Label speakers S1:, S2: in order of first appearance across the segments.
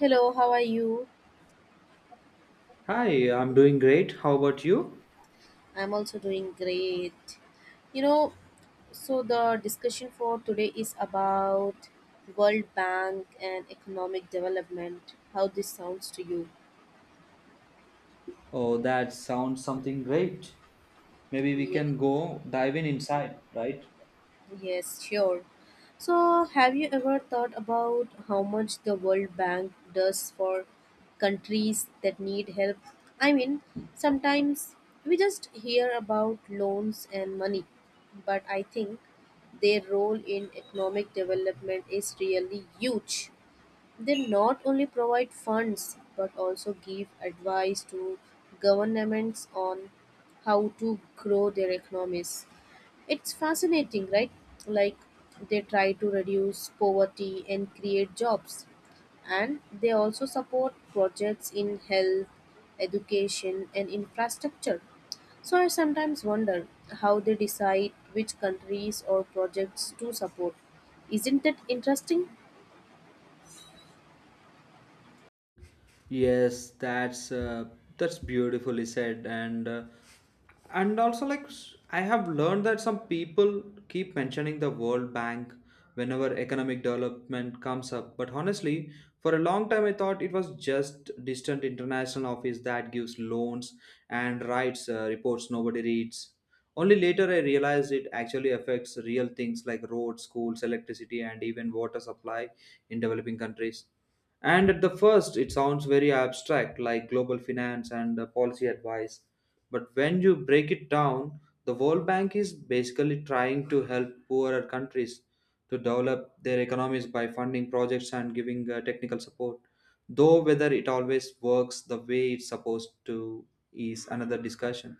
S1: Hello, how are you?
S2: Hi, I'm doing great. How about you?
S1: I'm also doing great. You know, so the discussion for today is about World Bank and economic development. How this sounds to you?
S2: Oh, that sounds something great. Maybe we
S1: Yeah.
S2: can go dive in inside, right?
S1: Yes, sure. So, have you ever thought about how much the World Bank does for countries that need help? I mean, sometimes we just hear about loans and money, but I think their role in economic development is really huge. They not only provide funds but also give advice to governments on how to grow their economies. It's fascinating, right? Like they try to reduce poverty and create jobs. And they also support projects in health, education, and infrastructure. So I sometimes wonder how they decide which countries or projects to support. Isn't that interesting?
S2: Yes, that's beautifully said. And also like I have learned that some people keep mentioning the World Bank whenever economic development comes up, but honestly, for a long time I thought it was just distant international office that gives loans and writes reports nobody reads. Only later I realized it actually affects real things like roads, schools, electricity, and even water supply in developing countries. And at the first, it sounds very abstract, like global finance and policy advice. But when you break it down, the World Bank is basically trying to help poorer countries to develop their economies by funding projects and giving technical support. Though whether it always works the way it's supposed to is another discussion.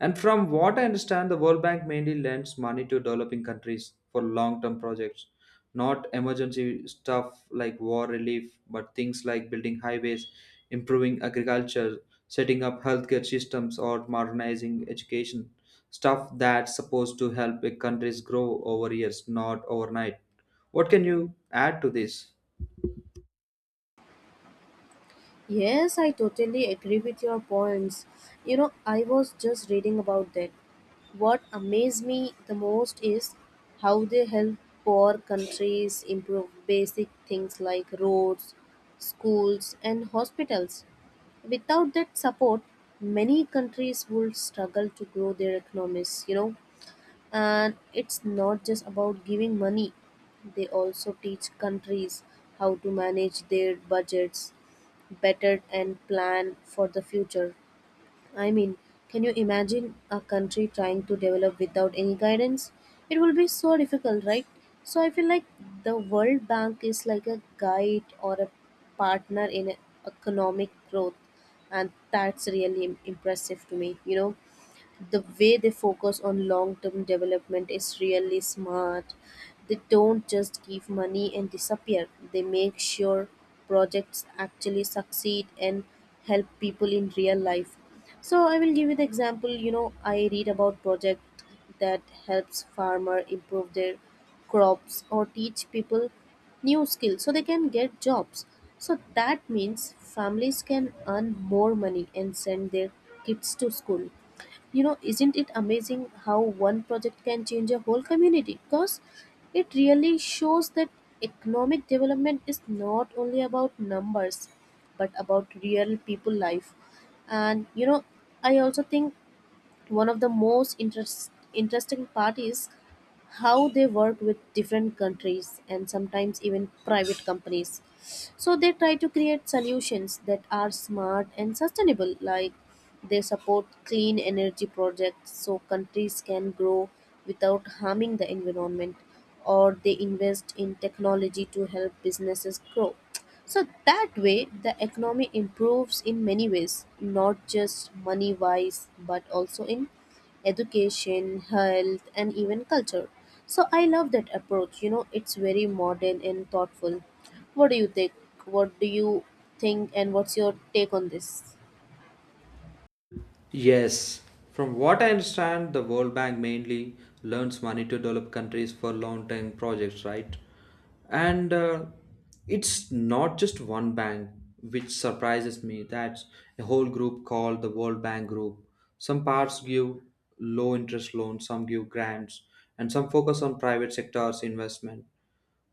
S2: And from what I understand, the World Bank mainly lends money to developing countries for long term projects, not emergency stuff like war relief, but things like building highways, improving agriculture, setting up healthcare systems, or modernizing education. Stuff that's supposed to help a countries grow over years, not overnight. What can you add to this?
S1: Yes, I totally agree with your points. You know, I was just reading about that. What amazed me the most is how they help poor countries improve basic things like roads, schools, and hospitals. Without that support, many countries would struggle to grow their economies, you know. And it's not just about giving money, they also teach countries how to manage their budgets better and plan for the future. I mean, can you imagine a country trying to develop without any guidance? It will be so difficult, right? So I feel like the World Bank is like a guide or a partner in economic growth, and that's really impressive to me, you know the way they focus on long term development is really smart. They don't just give money and disappear, they make sure projects actually succeed and help people in real life. So, I will give you the example, you know, I read about project that helps farmer improve their crops or teach people new skills so they can get jobs, so that means families can earn more money and send their kids to school. You know, isn't it amazing how one project can change a whole community? Because it really shows that economic development is not only about numbers but about real people life. And you know, I also think one of the most interesting part is how they work with different countries and sometimes even private companies. So they try to create solutions that are smart and sustainable, like they support clean energy projects so countries can grow without harming the environment, or they invest in technology to help businesses grow. So that way, the economy improves in many ways, not just money wise, but also in education, health, and even culture. So I love that approach. You know, it's very modern and thoughtful. What do you think? What do you think, and what's your take on this?
S2: Yes. From what I understand, the World Bank mainly lends money to develop countries for long term projects, right? And it's not just one bank, which surprises me. That's a whole group called the World Bank Group. Some parts give low interest loans, some give grants, and some focus on private sectors investment.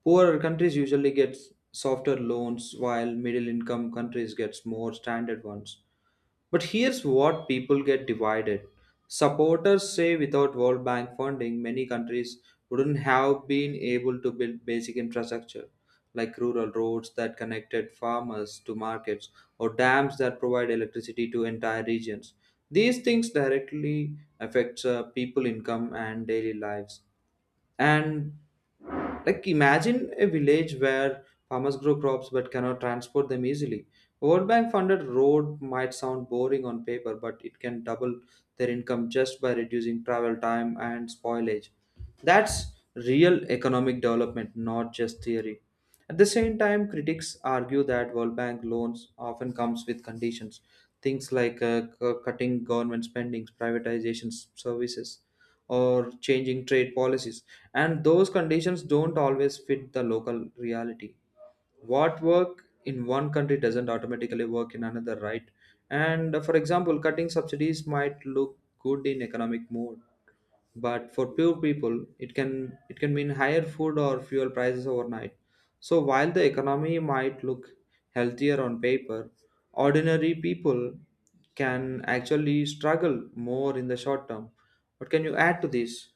S2: Poorer countries usually get softer loans, while middle income countries get more standard ones. But here's what people get divided. Supporters say, without World Bank funding, many countries wouldn't have been able to build basic infrastructure like rural roads that connected farmers to markets or dams that provide electricity to entire regions. These things directly affects people income and daily lives. And, like, imagine a village where farmers grow crops but cannot transport them easily. World Bank funded road might sound boring on paper, but it can double their income just by reducing travel time and spoilage. That's real economic development, not just theory. At the same time, critics argue that World Bank loans often comes with conditions, things like cutting government spendings, privatizations, services, or changing trade policies. And those conditions don't always fit the local reality. What work in one country doesn't automatically work in another, right? And for example, cutting subsidies might look good in economic mode, but for poor people it can mean higher food or fuel prices overnight. So while the economy might look healthier on paper, ordinary people can actually struggle more in the short term. What can you add to this?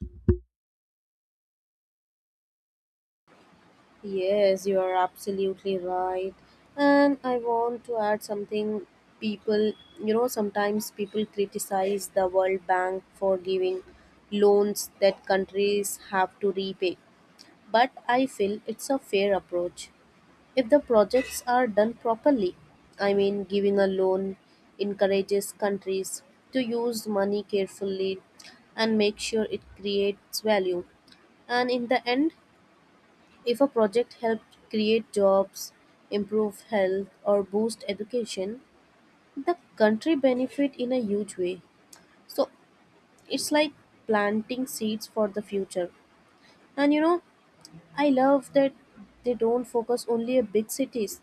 S1: Yes, you are absolutely right. And I want to add something, people, you know, sometimes people criticize the World Bank for giving loans that countries have to repay. But I feel it's a fair approach if the projects are done properly. I mean, giving a loan encourages countries to use money carefully and make sure it creates value. And in the end, if a project helped create jobs, improve health, or boost education, the country benefit in a huge way. So it's like planting seeds for the future. And you know, I love that they don't focus only on big cities,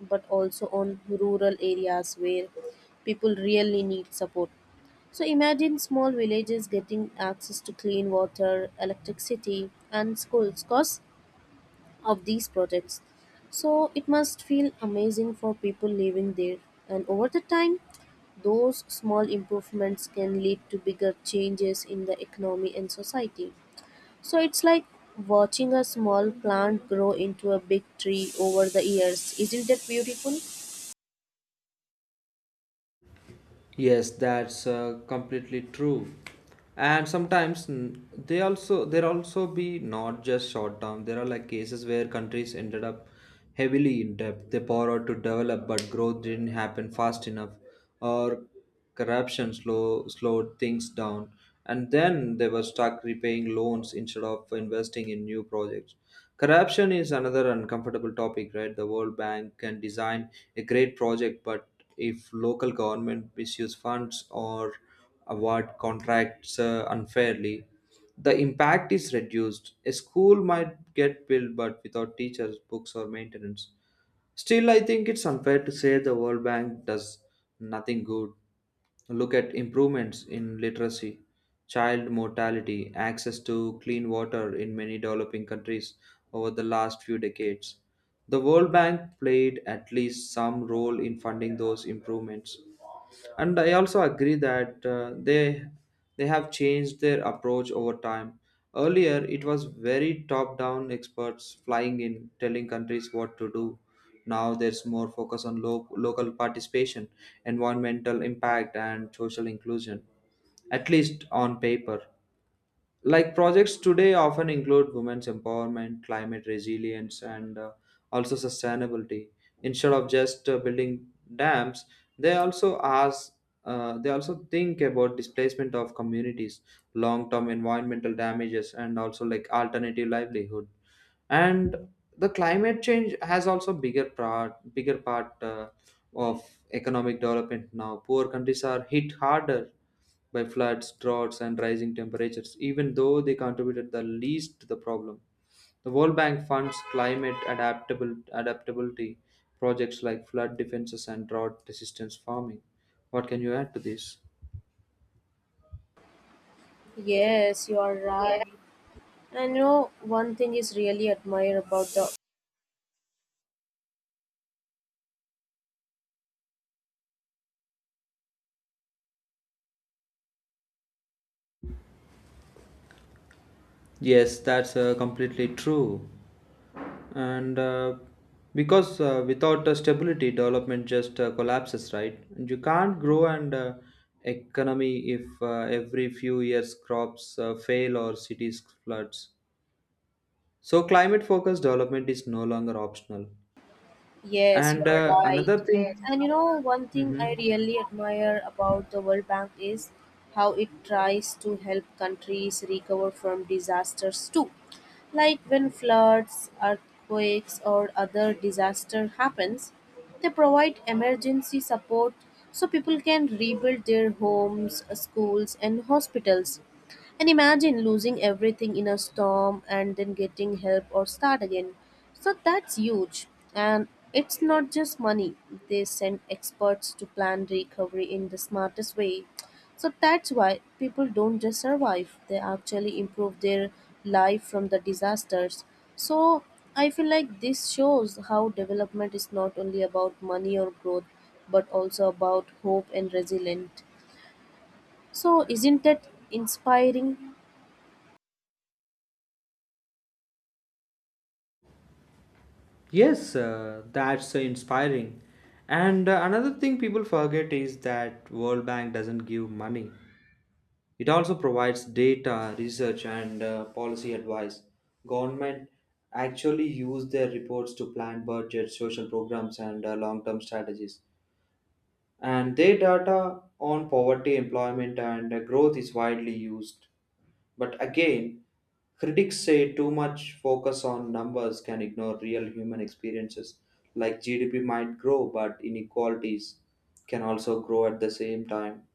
S1: but also on rural areas where people really need support. So imagine small villages getting access to clean water, electricity, and schools. Cause of these projects. So it must feel amazing for people living there. And over the time, those small improvements can lead to bigger changes in the economy and society. So it's like watching a small plant grow into a big tree over the years. Isn't that beautiful?
S2: Yes, that's completely true. And sometimes they also there also be, not just short term. There are like cases where countries ended up heavily in debt. They borrowed to develop, but growth didn't happen fast enough, or corruption slowed things down, and then they were stuck repaying loans instead of investing in new projects. Corruption is another uncomfortable topic, right? The World Bank can design a great project, but if local government misuse funds or award contracts unfairly, the impact is reduced. A school might get built, but without teachers, books, or maintenance. Still, I think it's unfair to say the World Bank does nothing good. Look at improvements in literacy, child mortality, access to clean water in many developing countries over the last few decades. The World Bank played at least some role in funding those improvements, and I also agree that they have changed their approach over time. Earlier, it was very top down, experts flying in telling countries what to do. Now there's more focus on local participation, environmental impact, and social inclusion, at least on paper. Like, projects today often include women's empowerment, climate resilience, and also sustainability, instead of just building dams. They also ask uh, they also think about displacement of communities, long term environmental damages, and also like alternative livelihood. And the climate change has also bigger part of economic development now. Poor countries are hit harder by floods, droughts, and rising temperatures, even though they contributed the least to the problem. The World Bank funds climate adaptability projects like flood defenses and drought resistance farming. What can you add to this?
S1: Yes, you are right. And you know, one thing is really admire about the—
S2: Yes, that's completely true. And because without stability, development just collapses, right? And you can't grow and economy if every few years crops fail or cities floods. So climate focused development is no longer optional.
S1: Yes, you
S2: And
S1: are right.
S2: another thing,
S1: And you know, one thing I
S2: Mhm.
S1: really admire about the World Bank is how it tries to help countries recover from disasters too. Like when floods, earthquakes, or other disaster happens, they provide emergency support so people can rebuild their homes, schools, and hospitals. And imagine losing everything in a storm and then getting help or start again. So that's huge. And it's not just money, they send experts to plan recovery in the smartest way. So that's why people don't just survive, they actually improve their life from the disasters. So I feel like this shows how development is not only about money or growth, but also about hope and resilience. So isn't that inspiring?
S2: Yes, that's inspiring. And another thing people forget is that World Bank doesn't give money. It also provides data, research, and policy advice. Government actually use their reports to plan budgets, social programs, and long-term strategies. And their data on poverty, employment, and growth is widely used. But again, critics say too much focus on numbers can ignore real human experiences, like GDP might grow, but inequalities can also grow at the same time.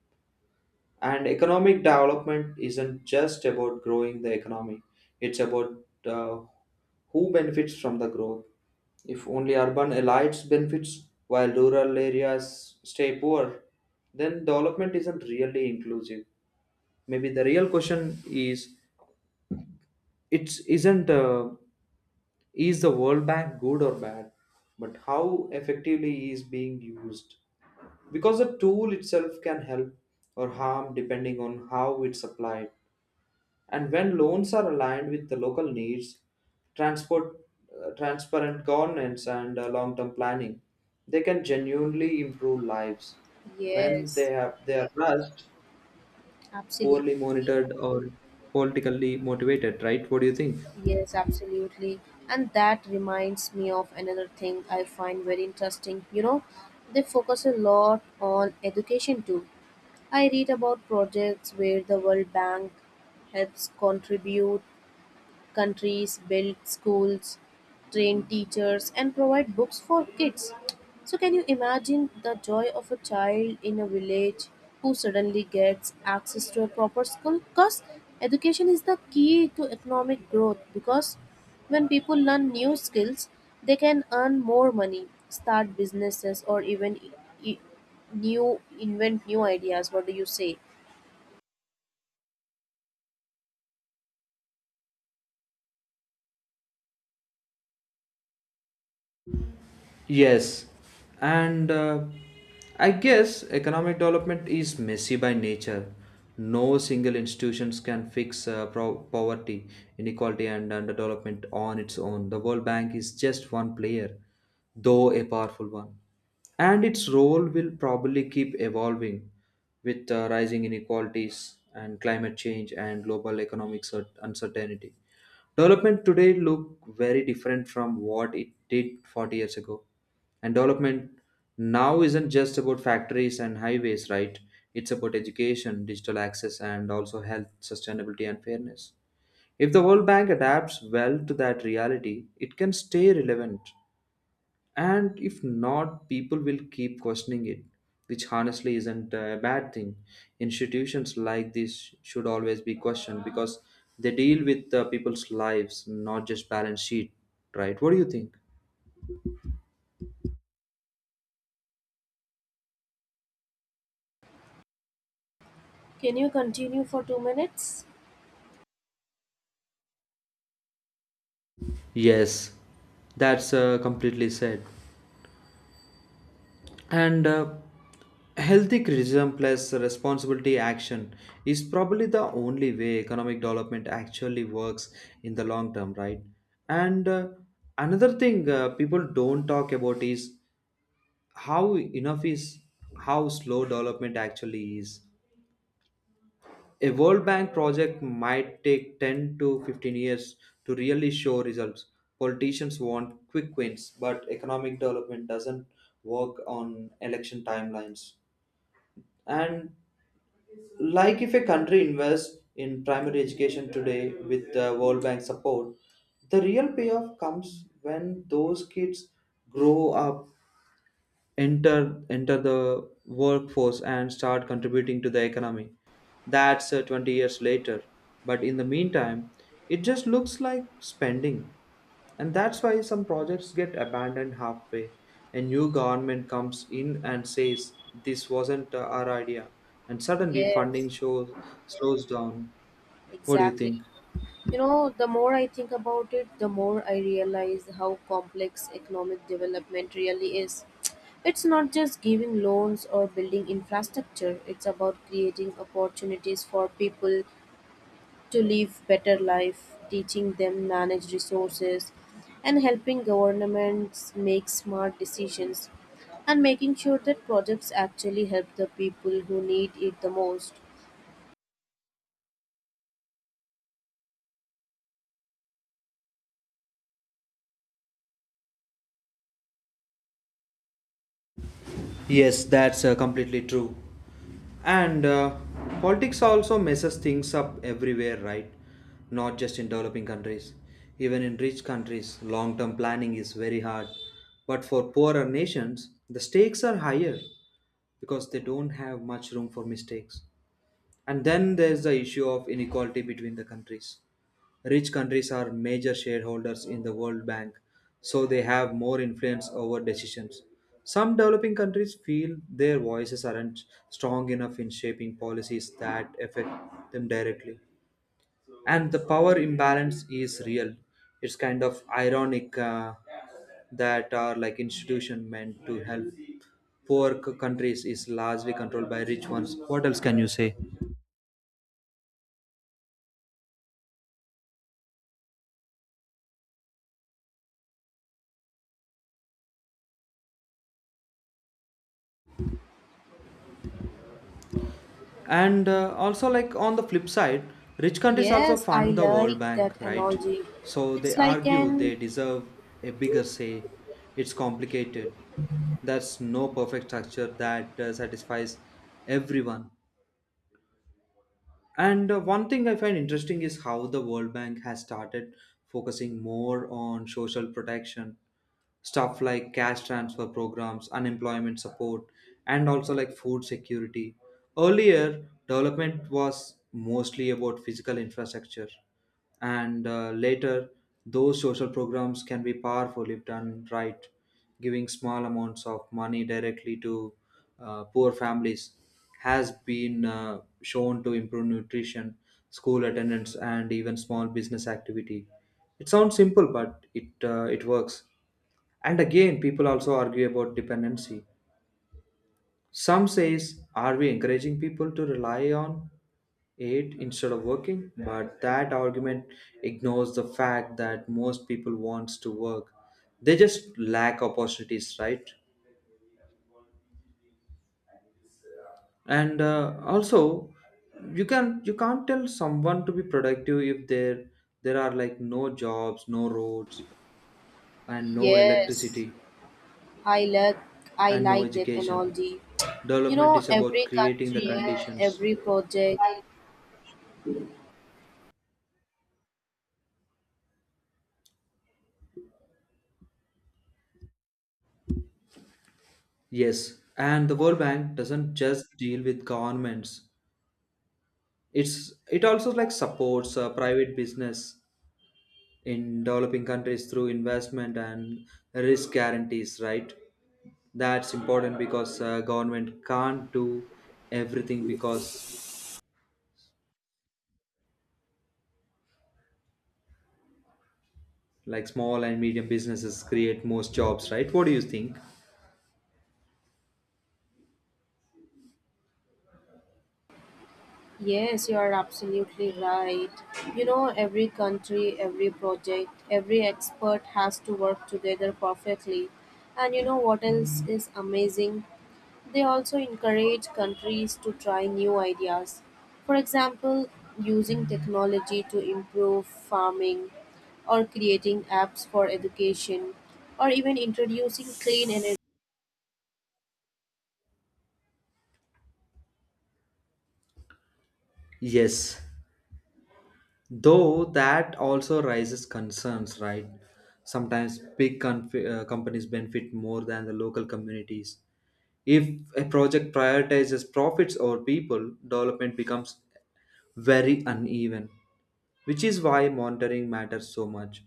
S2: And economic development isn't just about growing the economy, it's about uh, who benefits from the growth. If only urban elites benefits while rural areas stay poor, then development isn't really inclusive. Maybe the real question is it isn't is the World Bank good or bad, but how effectively is being used. Because the tool itself can help or harm depending on how it's applied. And when loans are aligned with the local needs, transport, transparent governance, and long-term planning, they can genuinely improve lives. When
S1: Yes,
S2: they are rushed,
S1: absolutely.
S2: poorly monitored, or politically motivated, right? What do you think?
S1: Yes, absolutely. And that reminds me of another thing I find very interesting. You know, they focus a lot on education too. I read about projects where the World Bank helps contribute countries build schools, train teachers, and provide books for kids. So, can you imagine the joy of a child in a village who suddenly gets access to a proper school? Because education is the key to economic growth. Because when people learn new skills, they can earn more money, start businesses, or even I- new invent new ideas. What do you say?
S2: Yes, and I guess economic development is messy by nature. No single institutions can fix poverty, inequality, and underdevelopment on its own. The World Bank is just one player, though a powerful one, and its role will probably keep evolving with rising inequalities and climate change and global economic uncertainty. Development today look very different from what it did 40 years ago. And development now isn't just about factories and highways, right? It's about education, digital access, and also health, sustainability, and fairness. If the World Bank adapts well to that reality, it can stay relevant. And if not, people will keep questioning it, which honestly isn't a bad thing. Institutions like this should always be questioned because they deal with people's lives, not just balance sheet, right? What do you think?
S1: Can you continue for 2 minutes?
S2: Yes, that's completely said. And healthy criticism plus responsibility action is probably the only way economic development actually works in the long term, right? And another thing people don't talk about is how enough is how slow development actually is. A World Bank project might take 10 to 15 years to really show results. Politicians want quick wins, but economic development doesn't work on election timelines. And, like, if a country invests in primary education today with the World Bank support, the real payoff comes when those kids grow up, enter the workforce, and start contributing to the economy. That's 20 years later. But in the meantime, it just looks like spending. And that's why some projects get abandoned halfway. A new government comes in and says, "This wasn't our idea." And suddenly
S1: Yes,
S2: funding slows down. What do you
S1: exactly.
S2: think?
S1: You know, the more I think about it, the more I realize how complex economic development really is. It's not just giving loans or building infrastructure, it's about creating opportunities for people to live better life, teaching them manage resources, and helping governments make smart decisions and making sure that projects actually help the people who need it the most.
S2: Yes, that's completely true. And politics also messes things up everywhere, right? Not just in developing countries. Even in rich countries, long term planning is very hard. But for poorer nations, the stakes are higher because they don't have much room for mistakes. And then there's the issue of inequality between the countries. Rich countries are major shareholders in the World Bank, so they have more influence over decisions. Some developing countries feel their voices aren't strong enough in shaping policies that affect them directly. And the power imbalance is real. It's kind of ironic that are like institution meant to help poor countries is largely controlled by rich ones. What else can you say? And also like, on the flip side, rich countries also
S1: Yes, I
S2: fund the World
S1: like
S2: Bank,
S1: that
S2: right?
S1: analogy.
S2: So they
S1: It's like
S2: argue
S1: an—
S2: they deserve a bigger say. It's complicated. There's no perfect structure that satisfies everyone. And one thing I find interesting is how the World Bank has started focusing more on social protection stuff like cash transfer programs, unemployment support, and also like food security. Earlier, development was mostly about physical infrastructure, and later, those social programs can be powerful if done right. Giving small amounts of money directly to poor families has been shown to improve nutrition, school attendance, and even small business activity. It sounds simple, but it works. And again, people also argue about dependency. Some says, are we encouraging people to rely on it instead of working? But that argument ignores the fact that most people wants to work. They just lack opportunities, right? And also, you can't tell someone to be productive if there are like no jobs, no roads, and no
S1: Yes,
S2: electricity,
S1: I like I
S2: and no
S1: like that
S2: education.
S1: analogy. You
S2: Development
S1: know,
S2: is about
S1: every
S2: creating the
S1: country,
S2: conditions.
S1: every project.
S2: Yes, and the World Bank doesn't just deal with governments. It also like supports private business in developing countries through investment and risk guarantees, right? That's important because government can't do everything because like small and medium businesses create most jobs, right? What do you think?
S1: Yes, you are absolutely right. You know, every country, every project, every expert has to work together perfectly. And you know what else is amazing? They also encourage countries to try new ideas, for example, using technology to improve farming, or creating apps for education, or even introducing clean energy.
S2: Yes, though that also raises concerns, right? Sometimes big companies benefit more than the local communities. If a project prioritizes profits over people, development becomes very uneven, which is why monitoring matters so much.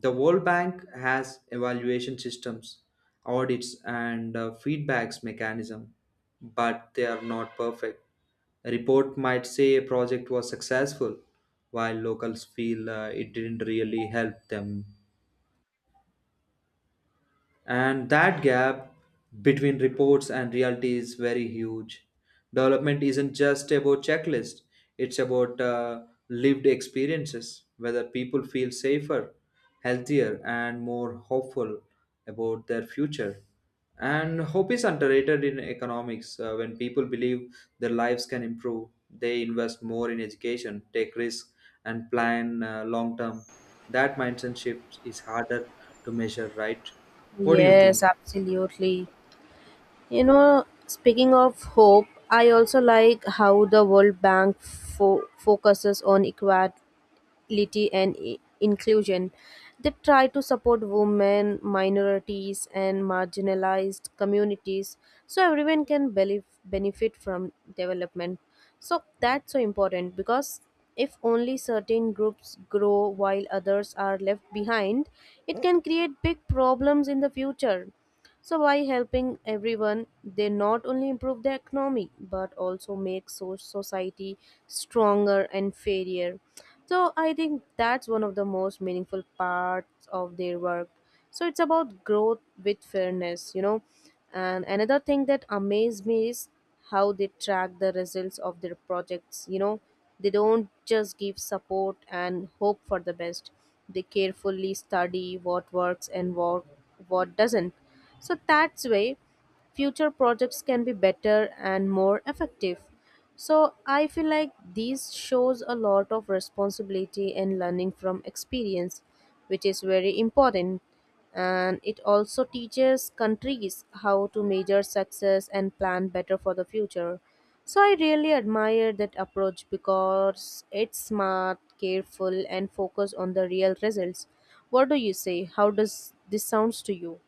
S2: The World Bank has evaluation systems, audits, and feedbacks mechanism, but they are not perfect. A report might say a project was successful, while locals feel it didn't really help them, and that gap between reports and reality is very huge. Development isn't just about checklists, it's about lived experiences, whether people feel safer, healthier, and more hopeful about their future. And hope is underrated in economics. When people believe their lives can improve, they invest more in education, take risks, and plan long term. That mindset shift is harder to measure, right? What do you
S1: Yes,
S2: think?
S1: absolutely. You know, speaking of hope, I also like how the World Bank focuses on equality and inclusion. They try to support women, minorities, and marginalized communities so everyone can benefit from development. So that's so important because if only certain groups grow while others are left behind, it can create big problems in the future. So by helping everyone, they not only improve the economy but also make society stronger and fairer. So I think that's one of the most meaningful parts of their work. So it's about growth with fairness, you know. And another thing that amazed me is how they track the results of their projects. You know, they don't just give support and hope for the best, they carefully study what works and what doesn't, so that's way future projects can be better and more effective. So I feel like this shows a lot of responsibility and learning from experience, which is very important. And it also teaches countries how to measure success and plan better for the future. So I really admire that approach because it's smart, careful, and focused on the real results. What do you say? How does this sounds to you?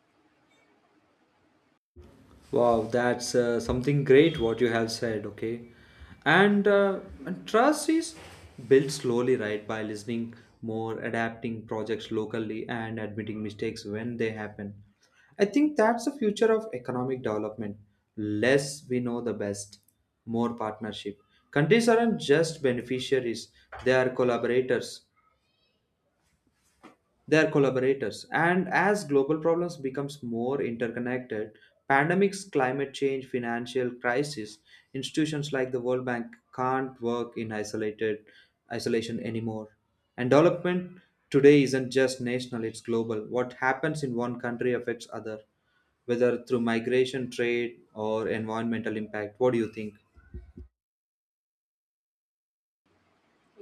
S2: Wow, that's something great what you have said, okay? And trust is built slowly, right? By listening more, adapting projects locally, and admitting mistakes when they happen. I think that's the future of economic development. Less we know the best, more partnership. Countries aren't just beneficiaries, they are collaborators. They are collaborators. And as global problems becomes more interconnected, pandemics, climate change, financial crisis, institutions like the World Bank can't work in isolated isolation anymore. And development today isn't just national, it's global. What happens in one country affects other, whether through migration, trade, or environmental impact. What do you think?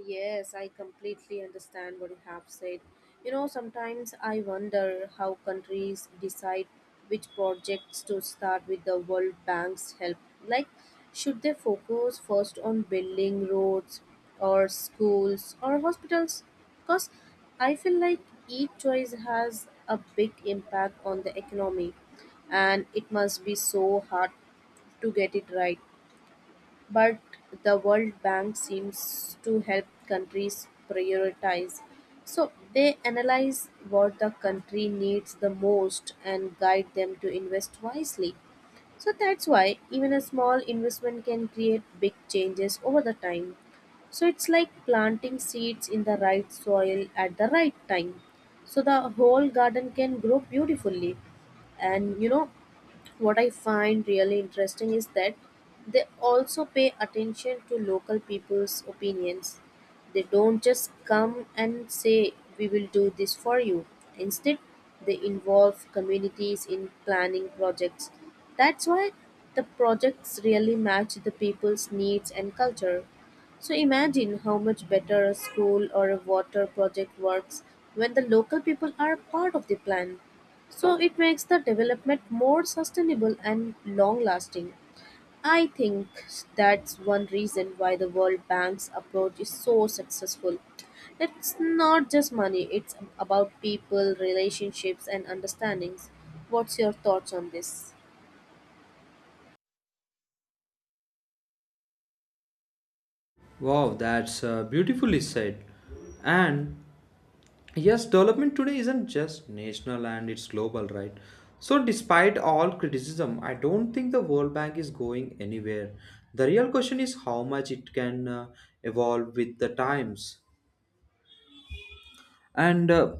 S1: Yes, I completely understand what you have said. You know, sometimes I wonder how countries decide which projects to start with the World Bank's help. Like, should they focus first on building roads or schools or hospitals? Because I feel like each choice has a big impact on the economy and it must be so hard to get it right. But the World Bank seems to help countries prioritize. So they analyze what the country needs the most and guide them to invest wisely. So that's why even a small investment can create big changes over the time. So it's like planting seeds in the right soil at the right time. So the whole garden can grow beautifully. And you know, what I find really interesting is that they also pay attention to local people's opinions. They don't just come and say, "We will do this for you." Instead, they involve communities in planning projects. That's why the projects really match the people's needs and culture. So imagine how much better a school or a water project works when the local people are part of the plan. So it makes the development more sustainable and long lasting. I think that's one reason why the World Bank's approach is so successful. It's not just money, it's about people, relationships, and understandings. What's your thoughts on this?
S2: Wow, that's beautifully said. And yes, development today isn't just national and it's global, right? So, despite all criticism, I don't think the World Bank is going anywhere. The real question is how much it can evolve with the times and uh,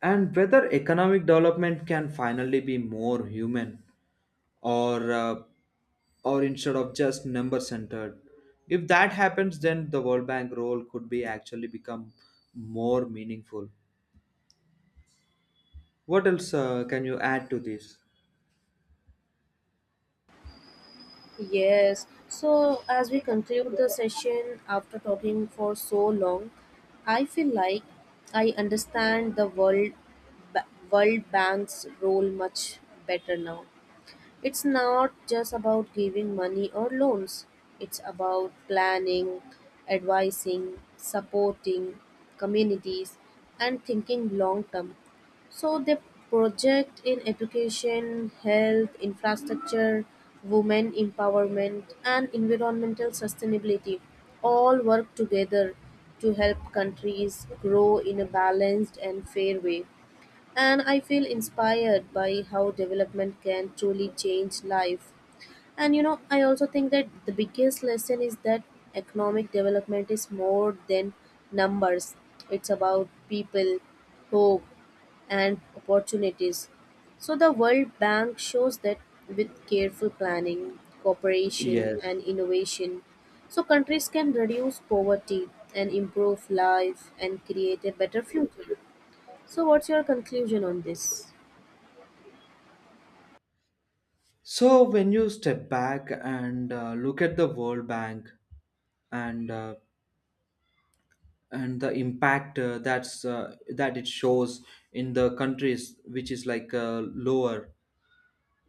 S2: and whether economic development can finally be more human or uh, or instead of just number centered. If that happens, then the World Bank role could be actually become more meaningful. What else can you add to this?
S1: Yes. So, as we conclude the session after talking for so long, I feel like I understand the World Bank's role much better now. It's not just about giving money or loans, it's about planning, advising, supporting communities, and thinking long term. So they project in education, health, infrastructure, women empowerment, and environmental sustainability all work together to help countries grow in a balanced and fair way. And I feel inspired by how development can truly change life. And you know, I also think that the biggest lesson is that economic development is more than numbers. It's about people, hope, and opportunities. So the World Bank shows that with careful planning, cooperation,
S2: Yes.
S1: and innovation, so countries can reduce poverty and improve life and create a better future. So, what's your conclusion on this?
S2: So when you step back and look at the World Bank and uh, and the impact that it shows in the countries, which is like lower.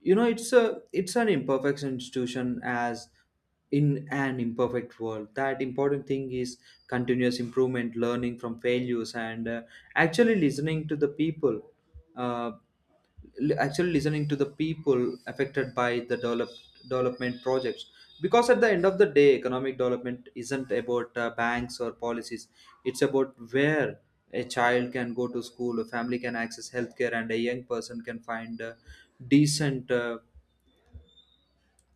S2: You know, it's a it's an imperfect institution as in an imperfect world. That important thing is continuous improvement, learning from failures, and actually listening to the people, uh, actually listening to the people affected by the development projects, because at the end of the day, economic development isn't about banks or policies. It's about where a child can go to school, a family can access healthcare, and a young person can find decent uh,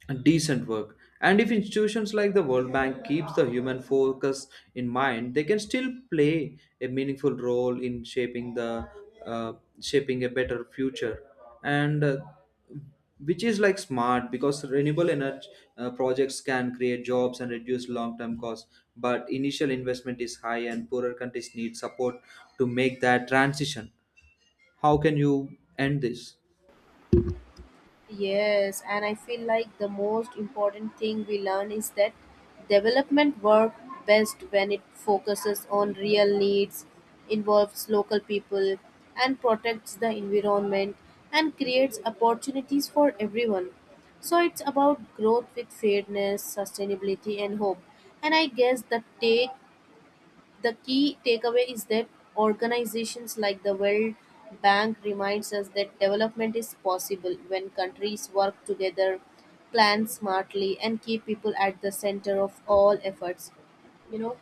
S2: decent work. And if institutions like the World Bank keeps the human focus in mind, they can still play a meaningful role in uh, shaping a better future. And Which is like smart, because renewable energy projects can create jobs and reduce long term costs, but initial investment is high and poorer countries need support to make that transition. How can you end this?
S1: Yes, and I feel like the most important thing we learn is that development work best when it focuses on real needs, involves local people, and protects the environment and creates opportunities for everyone. So it's about growth with fairness, sustainability, and hope. And I guess the take— The key takeaway is that organizations like the World Bank reminds us that development is possible when countries work together, plan smartly and keep people at the center of all efforts. You know,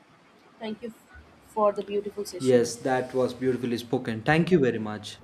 S1: thank you for the beautiful session.
S2: Yes, that was beautifully spoken, thank you very much.